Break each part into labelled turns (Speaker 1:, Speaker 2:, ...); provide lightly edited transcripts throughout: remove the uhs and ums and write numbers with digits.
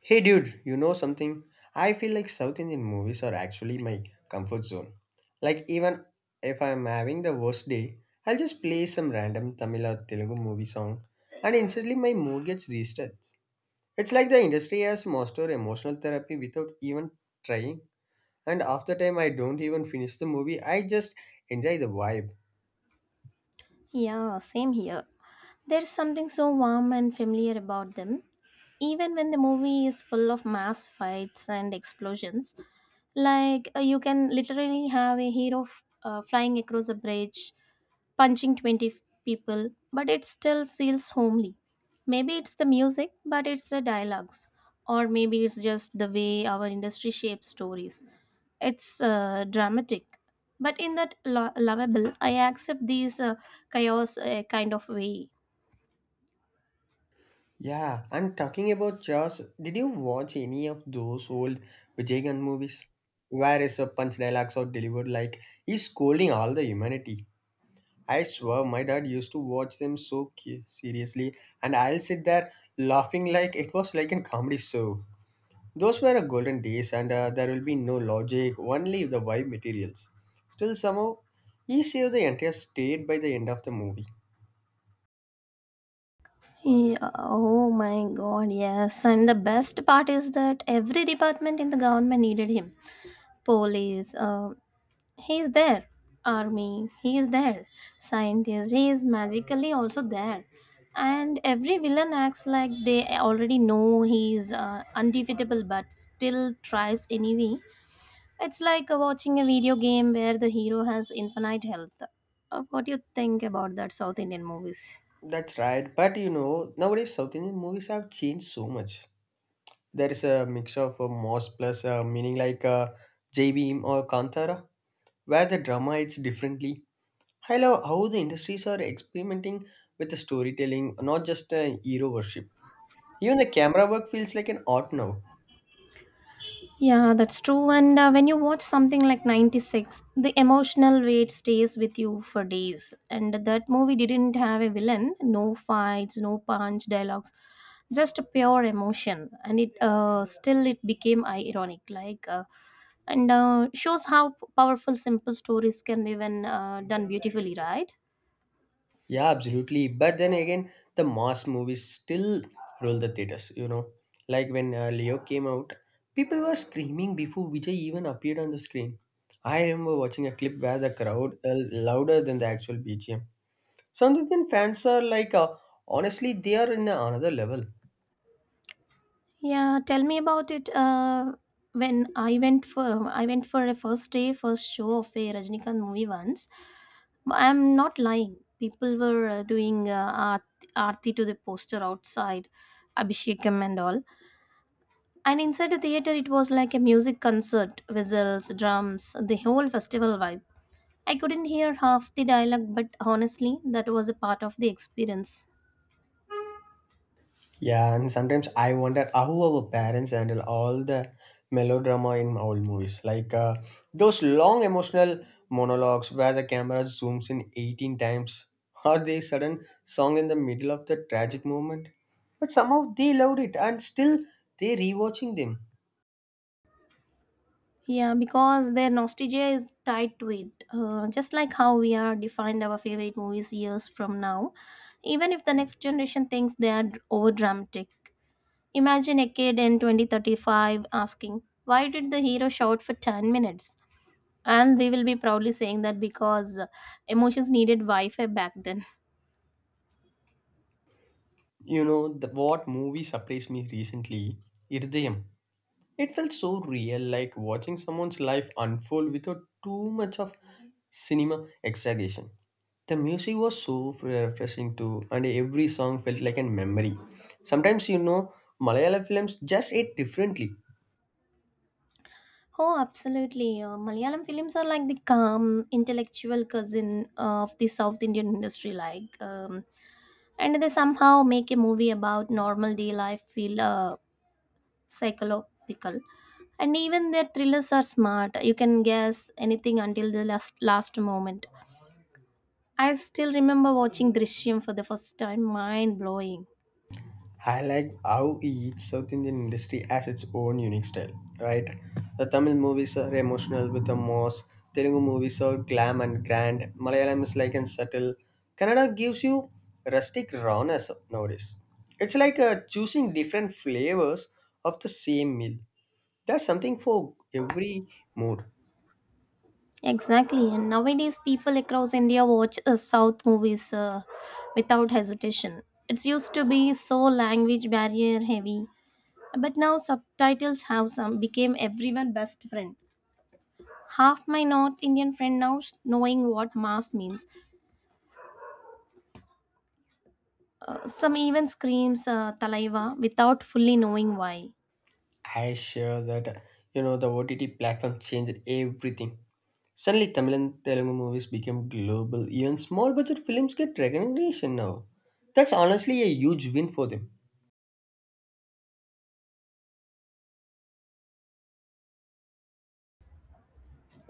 Speaker 1: Hey dude, you know something? I feel like South Indian movies are actually my comfort zone. Like even if I'm having the worst day, I'll just play some random Tamil or Telugu movie song and instantly my mood gets reset. It's like the industry has mastered emotional therapy without even trying and after time I don't even finish the movie, I just enjoy the vibe.
Speaker 2: Yeah, same here. There's something so warm and familiar about them. Even when the movie is full of mass fights and explosions, you can literally have a hero flying across a bridge, punching 20 people, but it still feels homely. Maybe it's the music, but it's the dialogues. Or maybe it's just the way our industry shapes stories. It's dramatic. But in that lovable, I accept these chaos kind of way.
Speaker 1: Yeah, and talking about Jaws, did you watch any of those old Vijayakanth movies? Where is a punch dialogues are delivered like he's scolding all the humanity. I swear my dad used to watch them so seriously and I'll sit there laughing like it was like a comedy show. Those were a golden days and there will be no logic, only the vibe materials. Still somehow, he saved the entire state by the end of the movie.
Speaker 2: Yeah, oh my god, yes. And the best part is that every department in the government needed him. Police, he's there. Army, he's there. Scientist, he is magically also there. And every villain acts like they already know he's undefeatable but still tries anyway. It's watching a video game where the hero has infinite health. What do you think about that South Indian movies?
Speaker 1: That's right, but you know, nowadays South Indian movies have changed so much. There is a mix of Moss plus meaning like J-Beam or Kantara, where the drama hits differently. I love how the industries are experimenting with the storytelling, not just hero worship. Even the camera work feels like an art now.
Speaker 2: Yeah, that's true. And when you watch something like 96, the emotional weight stays with you for days. And that movie didn't have a villain, no fights, no punch, dialogues, just a pure emotion. And it still it became ironic, like and shows how powerful simple stories can be when done beautifully, right?
Speaker 1: Yeah, absolutely. But then again, the mass movies still rule the theaters, you know. Like when Leo came out, people were screaming before Vijay even appeared on the screen. I remember watching a clip where the crowd louder than the actual BGM. South Indian fans are like, honestly, they are in another level.
Speaker 2: Yeah, tell me about it. When I went for a first day first show of a Rajnikant movie once. I'm not lying. People were doing arti to the poster outside, Abhishekam and all. And inside the theater, it was like a music concert, whistles, drums, the whole festival vibe. I couldn't hear half the dialogue, but honestly, that was a part of the experience.
Speaker 1: Yeah, and sometimes I wonder how our parents handle all the melodrama in old movies, like those long emotional monologues where the camera zooms in 18 times, or the sudden song in the middle of the tragic moment. But somehow they loved it, and still they rewatching them.
Speaker 2: Yeah, because their nostalgia is tied to it. Just like how we are defined our favorite movies years from now, even if the next generation thinks they are over dramatic. Imagine a kid in 2035 asking, why did the hero shout for 10 minutes? And we will be proudly saying that because emotions needed Wi Fi back then.
Speaker 1: You know what movie surprised me recently? Irdayam. It felt so real, like watching someone's life unfold without too much of cinema exaggeration. The music was so refreshing too, and every song felt like a memory. Sometimes, you know, Malayalam films just hit differently.
Speaker 2: Oh, absolutely. Malayalam films are like the calm, intellectual cousin of the South Indian industry, and they somehow make a movie about normal day life feel psychological. And even their thrillers are smart. You can guess anything until the last moment. I still remember watching Drishyam for the first time, mind blowing.
Speaker 1: I like how each South Indian industry has its own unique style, right? The Tamil movies are emotional with a moss, Telugu movies are glam and grand, Malayalam is like and subtle. Kannada gives you rustic rawness nowadays. It's like choosing different flavors of the same meal. There's something for every mood.
Speaker 2: Exactly, and nowadays people across India watch South movies without hesitation. It used to be so language barrier heavy, but now subtitles have some became everyone best friend. Half my North Indian friend now knowing what mass means. Some even screams "Talaiva" without fully knowing why.
Speaker 1: I share that you know the OTT platform changed everything. Suddenly, Tamil and Telugu movies became global. Even small budget films get recognition now. That's honestly a huge win for them.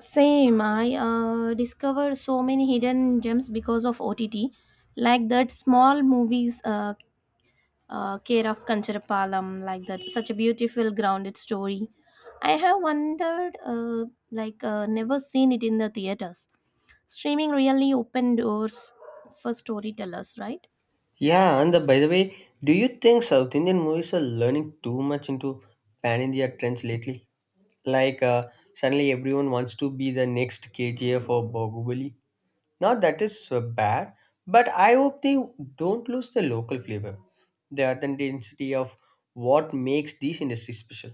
Speaker 2: Same, I discovered so many hidden gems because of OTT, like that small movies, Care of Kancharapalam, like that, such a beautiful grounded story. I have wondered, never seen it in the theaters. Streaming really opened doors for storytellers, right?
Speaker 1: Yeah, and by the way, do you think South Indian movies are learning too much into pan India trends lately? Like suddenly everyone wants to be the next KGF or Bahubali. Now that is bad, but I hope they don't lose the local flavor, the authenticity of what makes these industries special.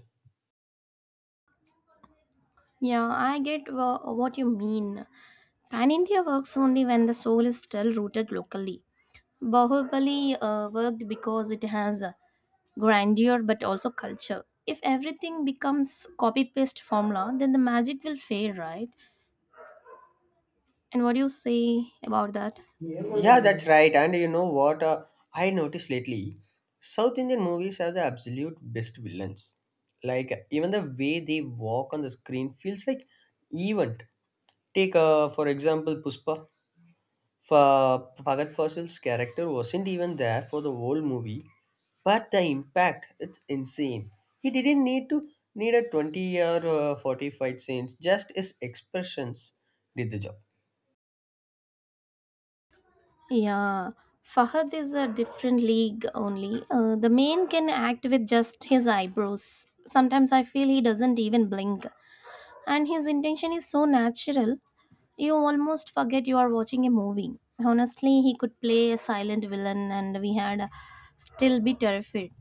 Speaker 2: Yeah, I get what you mean. Pan India works only when the soul is still rooted locally. Bahubali worked because it has. Grandeur but also culture. If everything becomes copy paste formula, then the magic will fade, right? And what do you say about that?
Speaker 1: Yeah, that's right. And you know what I noticed lately? South Indian movies have the absolute best villains. Like even the way they walk on the screen feels like event. Take for example Puspa. For Fagad Fawcet's character wasn't even there for the whole movie, but the impact it's insane. He didn't need a 20 or 40 fight scenes; just his expressions did the job.
Speaker 2: Yeah, Fahad is a different league only. The man can act with just his eyebrows. Sometimes I feel he doesn't even blink, and his intention is so natural you almost forget you are watching a movie. Honestly, he could play a silent villain and we had still be terrified.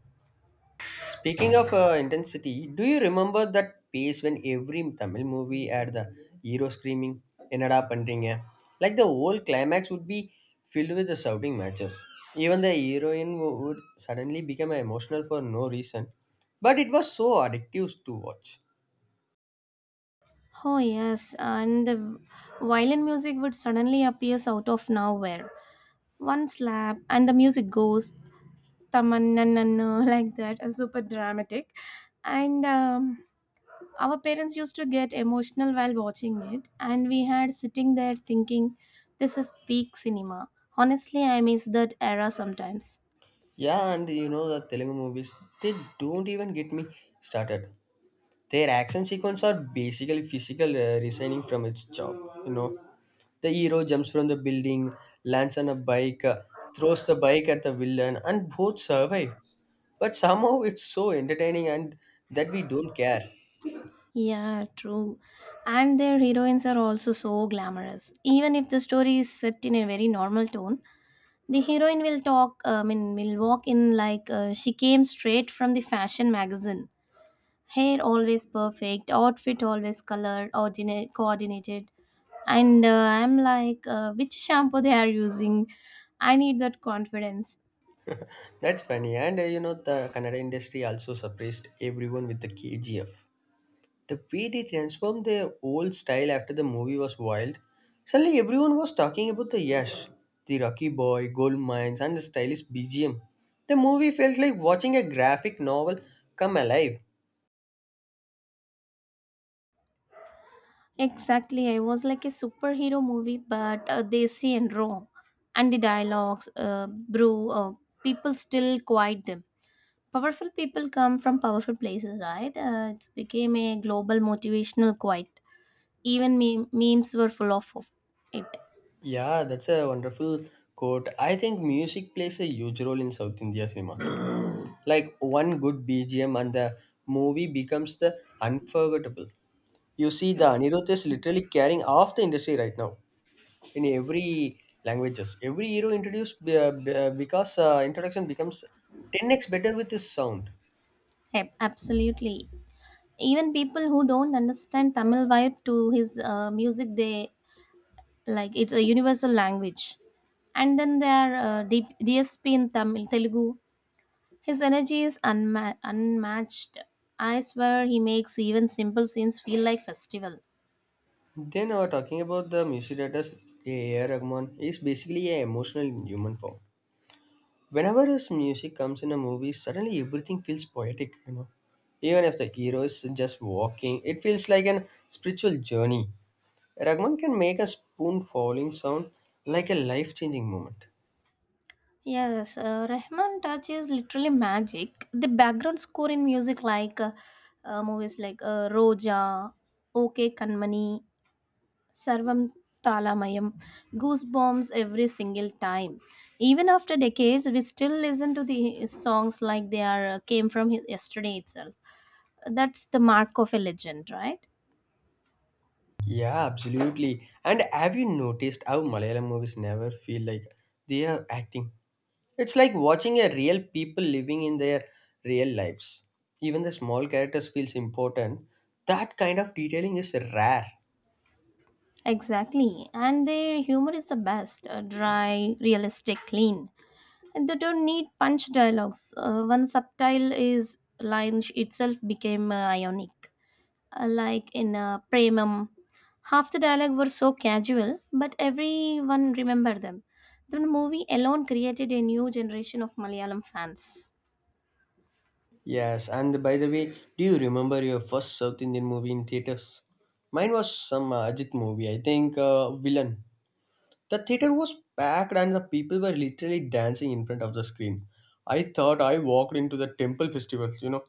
Speaker 1: Speaking of intensity, do you remember that pace when every Tamil movie had the hero screaming "Enada pandringa"? Like the whole climax would be filled with the shouting matches. Even the heroine would suddenly become emotional for no reason, but it was so addictive to watch.
Speaker 2: Oh, yes, and the violin music would suddenly appears out of nowhere. One slap, and the music goes tamannanana like that, super dramatic. And our parents used to get emotional while watching it, and we had sitting there thinking, this is peak cinema. Honestly, I miss that era sometimes.
Speaker 1: Yeah, and you know the Telugu movies, they don't even get me started. Their action sequence are basically physical resigning from its job, you know. The hero jumps from the building, lands on a bike, throws the bike at the villain, and both survive. But somehow it's so entertaining and that we don't care.
Speaker 2: Yeah, true. And their heroines are also so glamorous. Even if the story is set in a very normal tone, the heroine will talk I mean will walk in she came straight from the fashion magazine, hair always perfect, outfit always colored ordinate coordinated. And I'm which shampoo they are using. I need that confidence.
Speaker 1: That's funny. And you know, the Kannada industry also surprised everyone with the KGF. The way they transformed their old style after the movie was wild. Suddenly, everyone was talking about the Yash, the Rocky Boy, Gold Mines, and the stylish BGM. The movie felt like watching a graphic novel come alive.
Speaker 2: Exactly, I was like a superhero movie but see and raw. And the dialogues brew people still quiet them. "Powerful people come from powerful places," right? It became a global motivational quote. Even memes were full of it.
Speaker 1: Yeah, that's a wonderful quote. I think music plays a huge role in South India cinema. Like one good BGM and the movie becomes the unforgettable. You see, the Anirudh is literally carrying off the industry right now in every languages. Every hero introduced be- because introduction becomes 10x better with his sound.
Speaker 2: Absolutely. Even people who don't understand Tamil vibe to his music, they like it's a universal language. And then there are DSP in Tamil Telugu. His energy is unmatched. I swear he makes even simple scenes feel like festival.
Speaker 1: Then, talking about the music directors, A.R. Rahman is basically an emotional in human form. Whenever his music comes in a movie, suddenly everything feels poetic, you know. Even if the hero is just walking, it feels like an spiritual journey. Ragman can make a spoon falling sound like a life changing moment.
Speaker 2: Yes, Rahman touch is literally magic. The background score in music, movies Roja, OK Kanmani, Sarvam Talamayam, goosebumps every single time. Even after decades, we still listen to the songs like they are came from yesterday itself. That's the mark of a legend, right?
Speaker 1: Yeah, absolutely. And have you noticed how Malayalam movies never feel like they are acting? It's like watching a real people living in their real lives. Even the small characters feels important. That kind of detailing is rare.
Speaker 2: Exactly. And their humor is the best, dry, realistic, clean. And they don't need punch dialogues. One subtile is line itself became ionic. Like in Premam, half the dialogue were so casual, but everyone remembered them. The movie alone created a new generation of Malayalam fans.
Speaker 1: Yes, and by the way, do you remember your first South Indian movie in theaters? Mine was some Ajit movie, I think Villain. The theater was packed and the people were literally dancing in front of the screen. I thought I walked into the temple festival, you know.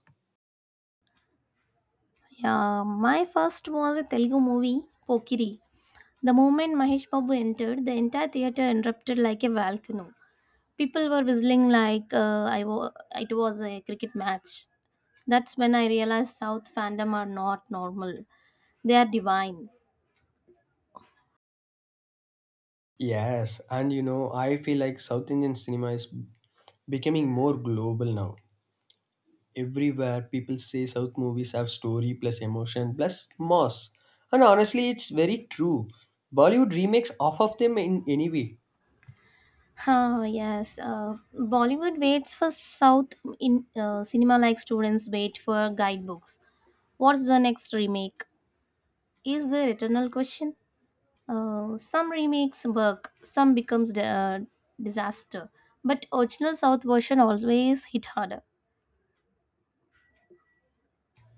Speaker 2: Yeah, my first was a Telugu movie, Pokiri. The moment Mahesh Babu entered, the entire theater erupted like a volcano. People were whistling like it was a cricket match. That's when I realized South fandom are not normal. They are divine.
Speaker 1: Yes, and you know, I feel like South Indian cinema is becoming more global now. Everywhere people say South movies have story plus emotion plus mass. And honestly, it's very true. Bollywood remakes half of them in any way.
Speaker 2: Ah, yes. Bollywood waits for South in cinema like students wait for guidebooks. What's the next remake? Is the eternal question. Some remakes work, some becomes a disaster, but original South version always hit harder.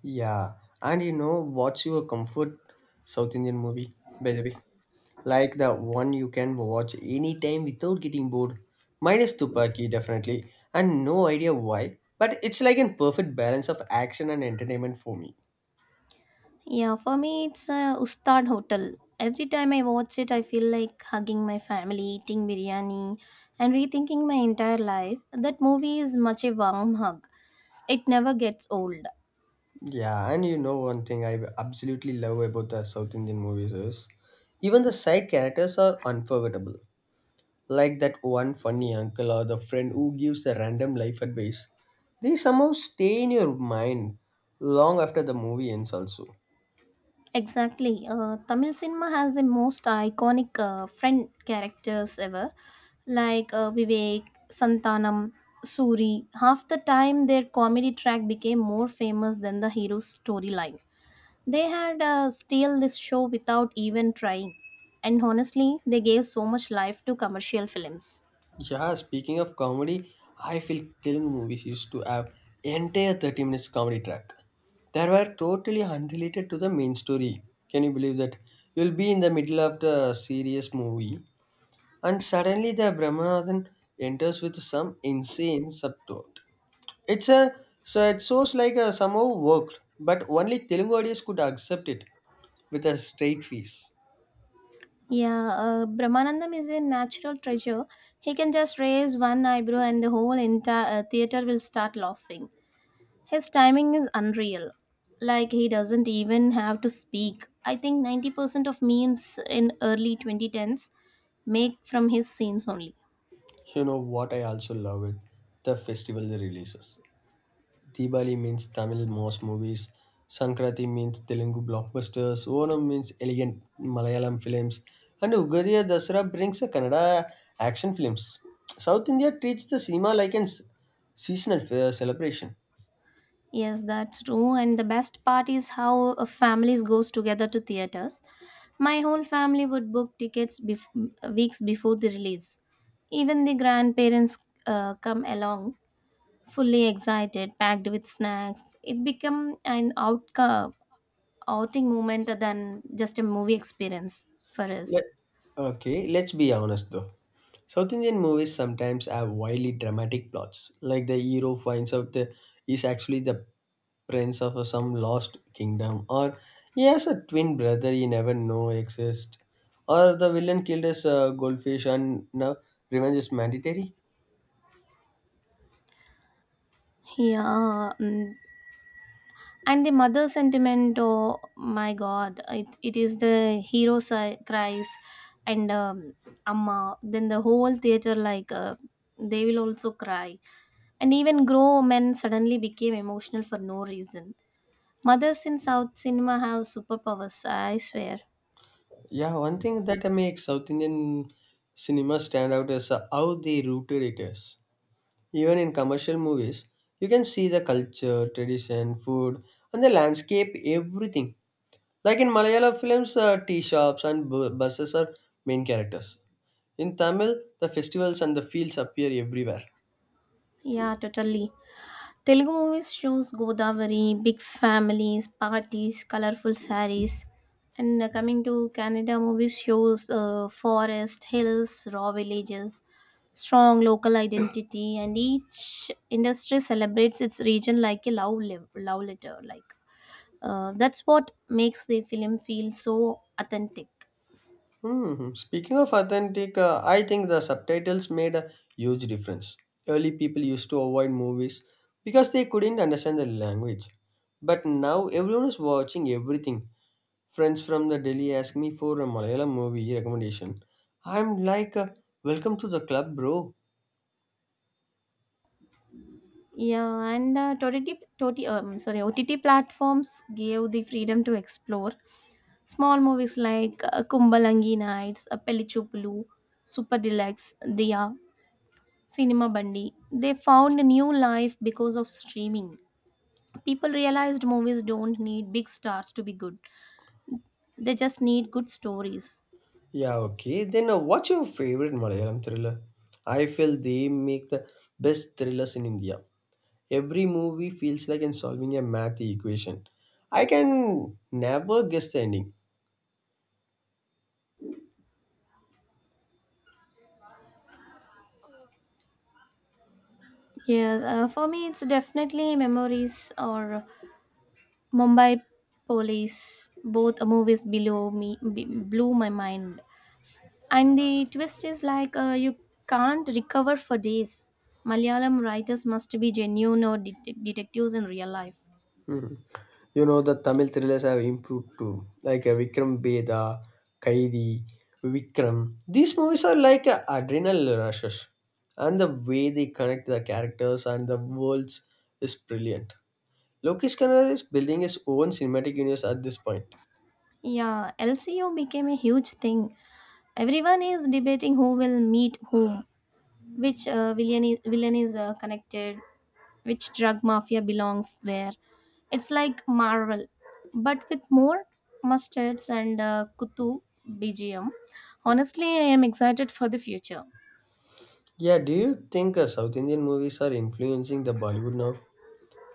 Speaker 1: Yeah, and you know what's your comfort South Indian movie, by the way? Like the one you can watch anytime without getting bored. Mine is Tupaki, definitely, and no idea why, but it's like a perfect balance of action and entertainment for me.
Speaker 2: Yeah, for me, it's a Ustad Hotel. Every time I watch it, I feel like hugging my family, eating biryani, and rethinking my entire life. That movie is much a warm hug. It never gets old.
Speaker 1: Yeah, and you know one thing I absolutely love about the South Indian movies is even the side characters are unforgettable. Like that one funny uncle or the friend who gives a random life advice. They somehow stay in your mind long after the movie ends, also.
Speaker 2: Exactly. Tamil cinema has the most iconic friend characters ever, like Vivek, Santanam, Suri. Half the time, their comedy track became more famous than the hero's storyline. They had steal this show without even trying. And honestly, they gave so much life to commercial films.
Speaker 1: Yeah, speaking of comedy, I feel Telugu movies used to have entire 30 minutes comedy track. They were totally unrelated to the main story. Can you believe that? You'll be in the middle of the serious movie and suddenly the Brahmanathan enters with some insane subplot. It's a it shows like a somehow worked, but only Telugu audience could accept it with a straight face.
Speaker 2: Yeah, Brahmanandam is a natural treasure. He can just raise one eyebrow and the whole entire theater will start laughing. His timing is unreal. Like he doesn't even have to speak. I think 90% of memes in early 2010s make from his scenes only.
Speaker 1: You know what I also love it? The festival releases. Diwali means Tamil most movies. Sankranti means Telugu blockbusters. Onam means elegant Malayalam films. And Ugariya Dasara brings a Kannada action films. South India treats the cinema like a seasonal celebration.
Speaker 2: Yes, that's true. And the best part is how families goes together to theaters. My whole family would book tickets weeks before the release. Even the grandparents come along, fully excited, packed with snacks. It become an outing moment than just a movie experience for
Speaker 1: Let,
Speaker 2: us.
Speaker 1: okay, let's be honest though. South Indian movies sometimes have wildly dramatic plots, like the hero finds out the is actually the prince of some lost kingdom, or he has a twin brother he never know exists, or the villain killed his goldfish and now revenge is mandatory.
Speaker 2: Yeah, mm, and the mother sentiment, oh my god, it is the hero cries and amma, then the whole theater they will also cry, and even grown men suddenly became emotional for no reason. Mothers in south cinema have superpowers, I swear.
Speaker 1: Yeah, one thing that makes South Indian cinema stand out is how they rooted it is. Even in commercial movies, you can see the culture, tradition, food, and the landscape, everything. Like in Malayalam films, tea shops and buses are main characters. In Tamil, the festivals and the fields appear everywhere.
Speaker 2: Yeah, totally. Telugu movies shows Godavari, big families, parties, colorful sarees. And coming to Canada movies shows forest, hills, raw villages, strong local identity, and each industry celebrates its region like a love letter. That's what makes the film feel so authentic.
Speaker 1: Hmm. Speaking of authentic, I think the subtitles made a huge difference. Early people used to avoid movies because they couldn't understand the language. But now everyone is watching everything. Friends from the Delhi ask me for a Malayalam movie recommendation. I'm like, welcome to the club, bro.
Speaker 2: Yeah, and uh, OTT, OTT, um, sorry, OTT platforms gave the freedom to explore small movies like Kumbalangi Nights, Pellichupulu, Super Deluxe, Diya, Cinema Bandi. They found a new life because of streaming. People realized movies don't need big stars to be good. They just need good stories.
Speaker 1: Yeah, okay. Then what's your favorite Malayalam thriller? I feel they make the best thrillers in India. Every movie feels like I'm solving a math equation. I can never guess the ending.
Speaker 2: Yes, for me, it's definitely Memories or Mumbai Police. Both movies blew my mind. And the twist is you can't recover for days. Malayalam writers must be genuine or detectives in real life.
Speaker 1: Hmm. You know, the Tamil thrillers have improved too, like Vikram Beda, Kairi, Vikram. These movies are like adrenal rushes, and the way they connect the characters and the worlds is brilliant. Lokesh Kanada is building his own cinematic universe at this point.
Speaker 2: Yeah, LCU became a huge thing. Everyone is debating who will meet whom, which villain is connected, which drug mafia belongs where. It's like Marvel, but with more mustards and Kutu BGM. Honestly, I am excited for the future.
Speaker 1: Yeah, do you think South Indian movies are influencing the Bollywood now?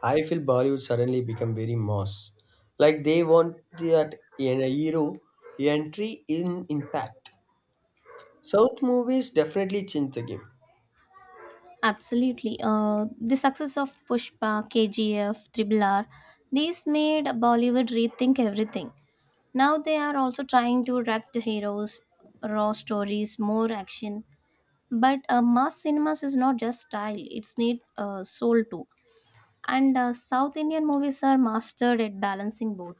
Speaker 1: I feel Bollywood suddenly become very moss. Like they want that in a hero entry in impact. South movies definitely change the game.
Speaker 2: Absolutely. The success of Pushpa, KGF, Triple R, these made Bollywood rethink everything. Now they are also trying to react to heroes, raw stories, more action. But mass cinemas is not just style; it's need soul too. And South Indian movies are mastered at balancing both.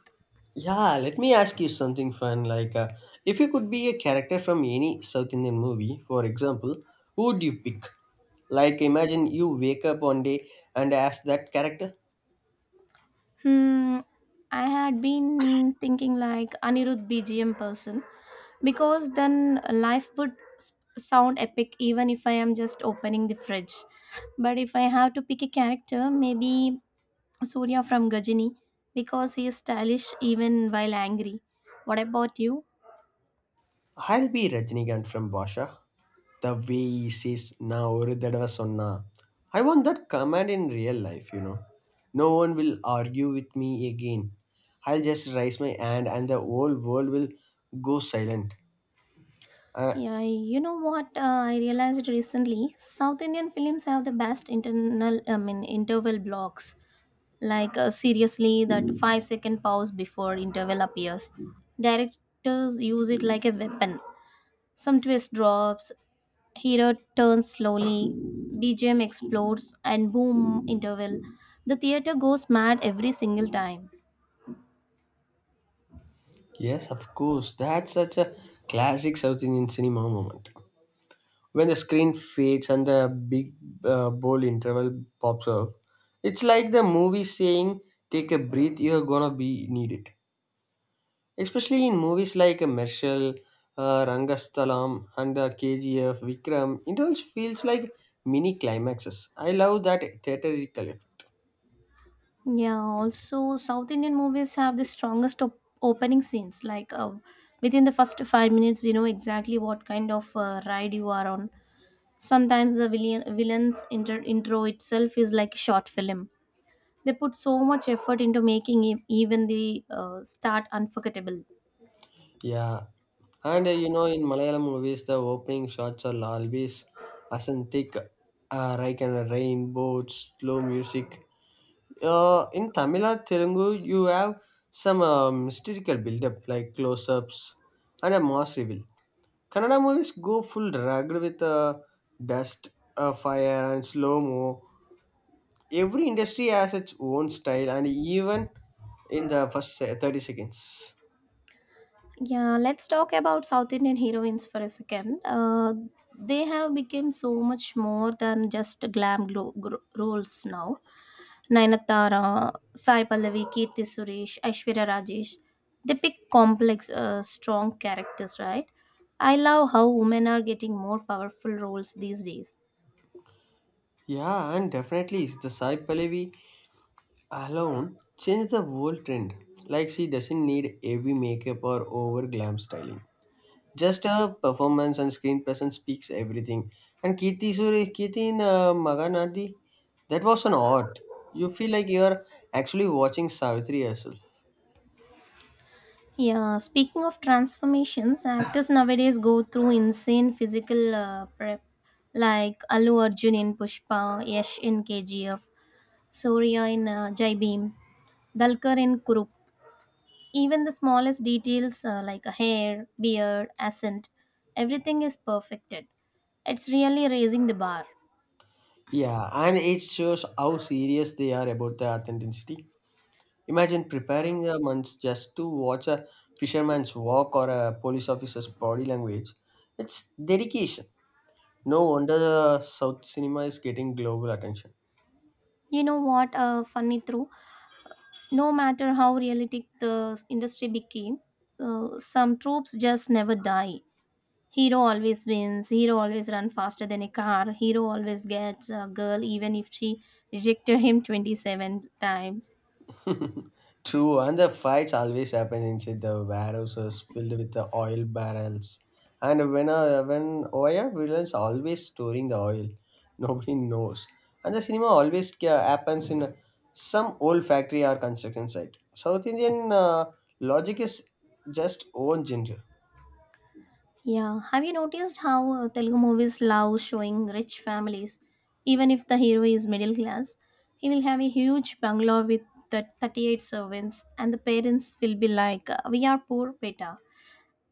Speaker 1: Yeah, let me ask you something fun. Like, if you could be a character from any South Indian movie, for example, who would you pick? Like, imagine you wake up one day and ask that character,
Speaker 2: Hmm, I had been thinking like Anirudh BGM person because then life would sound epic even if I am just opening the fridge. But if I have to pick a character, maybe Surya from Gajini because he is stylish even while angry. What about you?
Speaker 1: "I'll be Rajinikanth from Basha." The way says நான் ஒரு தடவை சொன்னா, I want that command in real life, you know. No one will argue with me again. I'll just raise my hand and the whole world will go silent. Uh,
Speaker 2: Yeah, you know what, I realized recently? South Indian films have the best interval blocks like seriously, that 5 second pause before interval appears. Directors use it like a weapon. Some twist drops, hero turns slowly, bgm explodes and boom, interval. The theater goes mad every single time.
Speaker 1: yes, of course. That's such a classic South Indian cinema moment. When the screen fades and the big bold interval pops up, it's like the movie saying, "Take a breath, you're gonna be needed." Especially in movies like Marshall, Rangasthalam, and KGF, Vikram, it all feels like mini climaxes. I love that theatrical effect.
Speaker 2: Yeah, also South Indian movies have the strongest opening scenes like within the first 5 minutes you know exactly what kind of ride you are on. Sometimes the intro itself is like a short film. They put so much effort into making even the start unforgettable.
Speaker 1: Yeah, and in Malayalam movies, the opening shots are always authentic, like a rainbow, slow music. In Tamil or Telugu, you have some mystical build-up like close-ups and a mass reveal. Kannada movies go full rugged with dust, fire, and slow mo. Every industry has its own style, and even in the 30 seconds.
Speaker 2: Yeah, let's talk about South Indian heroines for a second. They have become so much more than just roles now. Nayanthara, Sai Pallavi, Kirti Suresh, Aishwarya Rajesh. They pick complex, strong characters, right? I love how women are getting more powerful roles these days.
Speaker 1: Yeah, and definitely the Sai Pallavi alone changed the whole trend. Like she doesn't need heavy makeup or over glam styling. Just her performance and screen presence speaks everything. And Kirti in Maganadi, that was an art. You feel like you are actually watching Savitri herself.
Speaker 2: Yeah, speaking of transformations, actors nowadays go through insane physical prep, like Allu Arjun in Pushpa, Yash in KGF, Surya in Jai Bhim, Dalkar in Kurup. Even the smallest details like a hair, beard, accent, everything is perfected. It's really raising the bar.
Speaker 1: Yeah, and it shows how serious they are about the authenticity. Imagine preparing a month just to watch a fisherman's walk or a police officer's body language. It's dedication. No wonder the South cinema is getting global attention.
Speaker 2: You know what? Funny through, no matter how realistic the industry became, some tropes just never die. Hero always wins. Hero always run faster than a car. Hero always gets a girl even if she rejected him 27 times.
Speaker 1: True, and the fights always happen inside the warehouses filled with the oil barrels. And when why are villains always storing the oil? Nobody knows. And the cinema happens in some old factory or construction site. South Indian logic is just own genre.
Speaker 2: Yeah, have you noticed how Telugu movies love showing rich families? Even if the hero is middle class, he will have a huge bungalow with the 38 servants, and the parents will be like, we are poor, beta.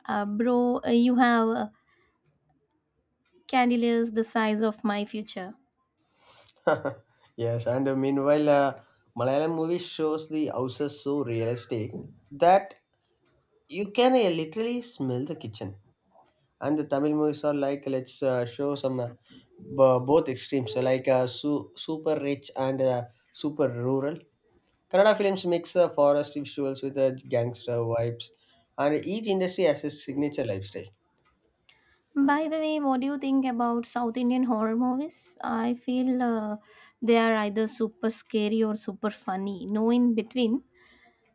Speaker 2: Bro, you have candeliers the size of my future.
Speaker 1: Yes, and meanwhile, Malayalam movie shows the houses so realistic that you can literally smell the kitchen. And the Tamil movies are like, let's show some both extremes super rich and super rural. Kannada films mix forest visuals with gangster vibes, and each industry has its signature lifestyle.
Speaker 2: By the way, what do you think about South Indian horror movies? I feel they are either super scary or super funny. No in between.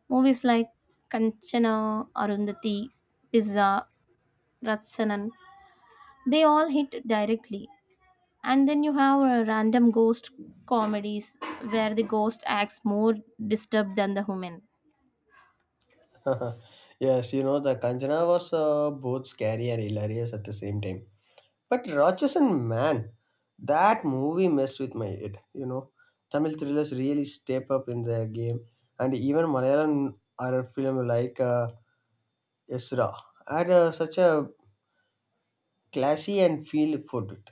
Speaker 2: Movies like Kanchana, Arundhati, Pizza, Ratsanan, they all hit directly. And then you have random ghost comedies where the ghost acts more disturbed than the human.
Speaker 1: Yes, you know the Kanchana was both scary and hilarious at the same time. But Rochesson Man, that movie messed with my head. You know, Tamil thrillers really step up in their game, and even Malayalam horror film like Ezra had a, such a classy and feel for it.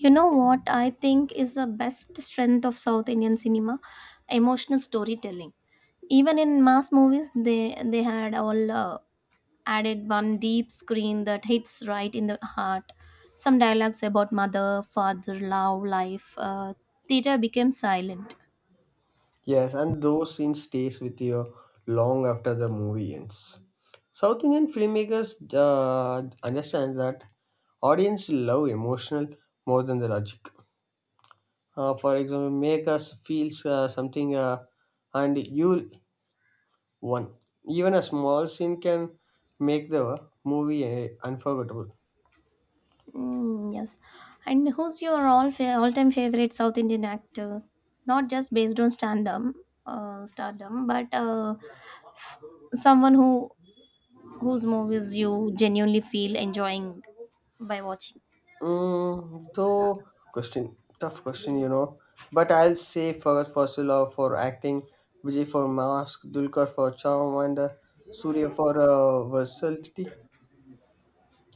Speaker 2: You know what I think is the best strength of South Indian cinema? Emotional storytelling. Even in mass movies, they had all added one deep screen that hits right in the heart. Some dialogues about mother, father, love, life. Theater became silent.
Speaker 1: Yes, and those scenes stays with you long after the movie ends. South Indian filmmakers understand that audience love emotional more than the logic. For example, make us feel something and you won. Even a small scene can make the movie unforgettable.
Speaker 2: Mm, yes. And who's your all-time favorite South Indian actor? Not just based on stand-up, stardom, but s- someone whose movies you genuinely feel enjoying by watching.
Speaker 1: Mm, though question, tough question, you know. But I'll say Fagad Fawzia for acting, Vijay for mask, Dulkar for charm, and Surya for versatility.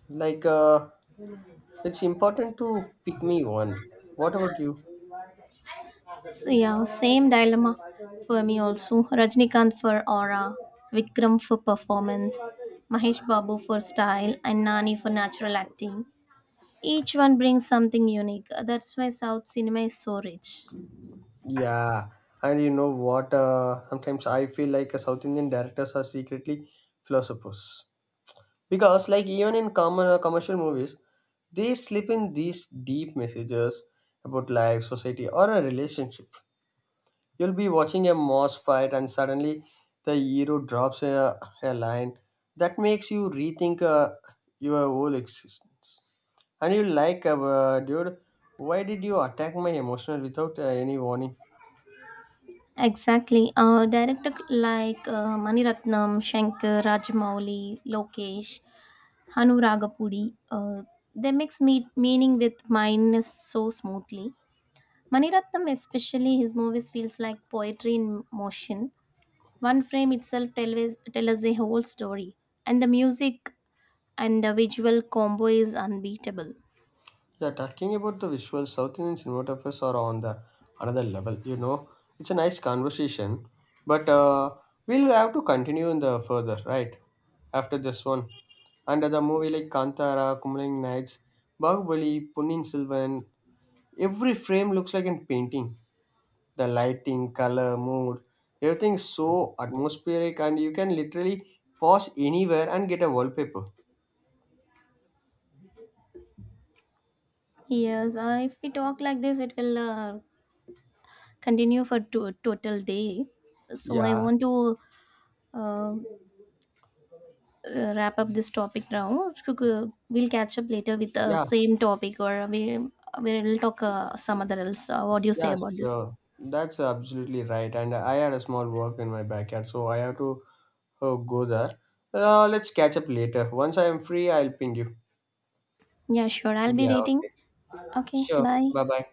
Speaker 1: Like, uh, it's important to pick me one. What about you?
Speaker 2: Yeah, same dilemma for me also. Rajnikant for aura, Vikram for performance, Mahesh Babu for style, and Nani for natural acting. Each one brings something unique. That's why South cinema is so rich.
Speaker 1: Yeah, and you know what? Sometimes I feel like South Indian directors are secretly philosophers, because like even in common commercial movies they slip in these deep messages about life, society, or a relationship. You'll be watching a moss fight and suddenly the hero drops a line that makes you rethink your whole existence, and you like, dude, why did you attack my emotional without any warning?
Speaker 2: Exactly. Director like Maniratnam, Shankar, Rajamouli, Lokesh, Hanu Ragapudi, they mix meaning with mindness so smoothly. Maniratnam, especially his movies, feels like poetry in motion. One frame itself tell us a whole story, and the music and the visual combo is unbeatable.
Speaker 1: Yeah, talking about the visual, South Indian cinematographers are on the another level. You know, it's a nice conversation, but we'll have to continue in the further right after this one. And the movie like Kantara, Kumaling Nights, Bahubali, Punin Silvan, every frame looks like a painting. The lighting, color, mood, everything is so atmospheric, and you can literally pause anywhere and get a wallpaper.
Speaker 2: Yes, if we talk like this, it will continue for total day. So I
Speaker 1: Yeah,
Speaker 2: want to uh, wrap up this topic now. We'll catch up later with the
Speaker 1: yeah.
Speaker 2: same topic, or we will talk some other else. What do you say
Speaker 1: Yeah,
Speaker 2: about this?
Speaker 1: sure. That's absolutely right. And I had a small work in my backyard, so I have to go there. Let's catch up later. Once I am free, I'll ping you.
Speaker 2: Yeah, sure. I'll be
Speaker 1: Yeah,
Speaker 2: waiting.
Speaker 1: okay.
Speaker 2: Okay,
Speaker 1: Sure.
Speaker 2: bye.
Speaker 1: Bye bye.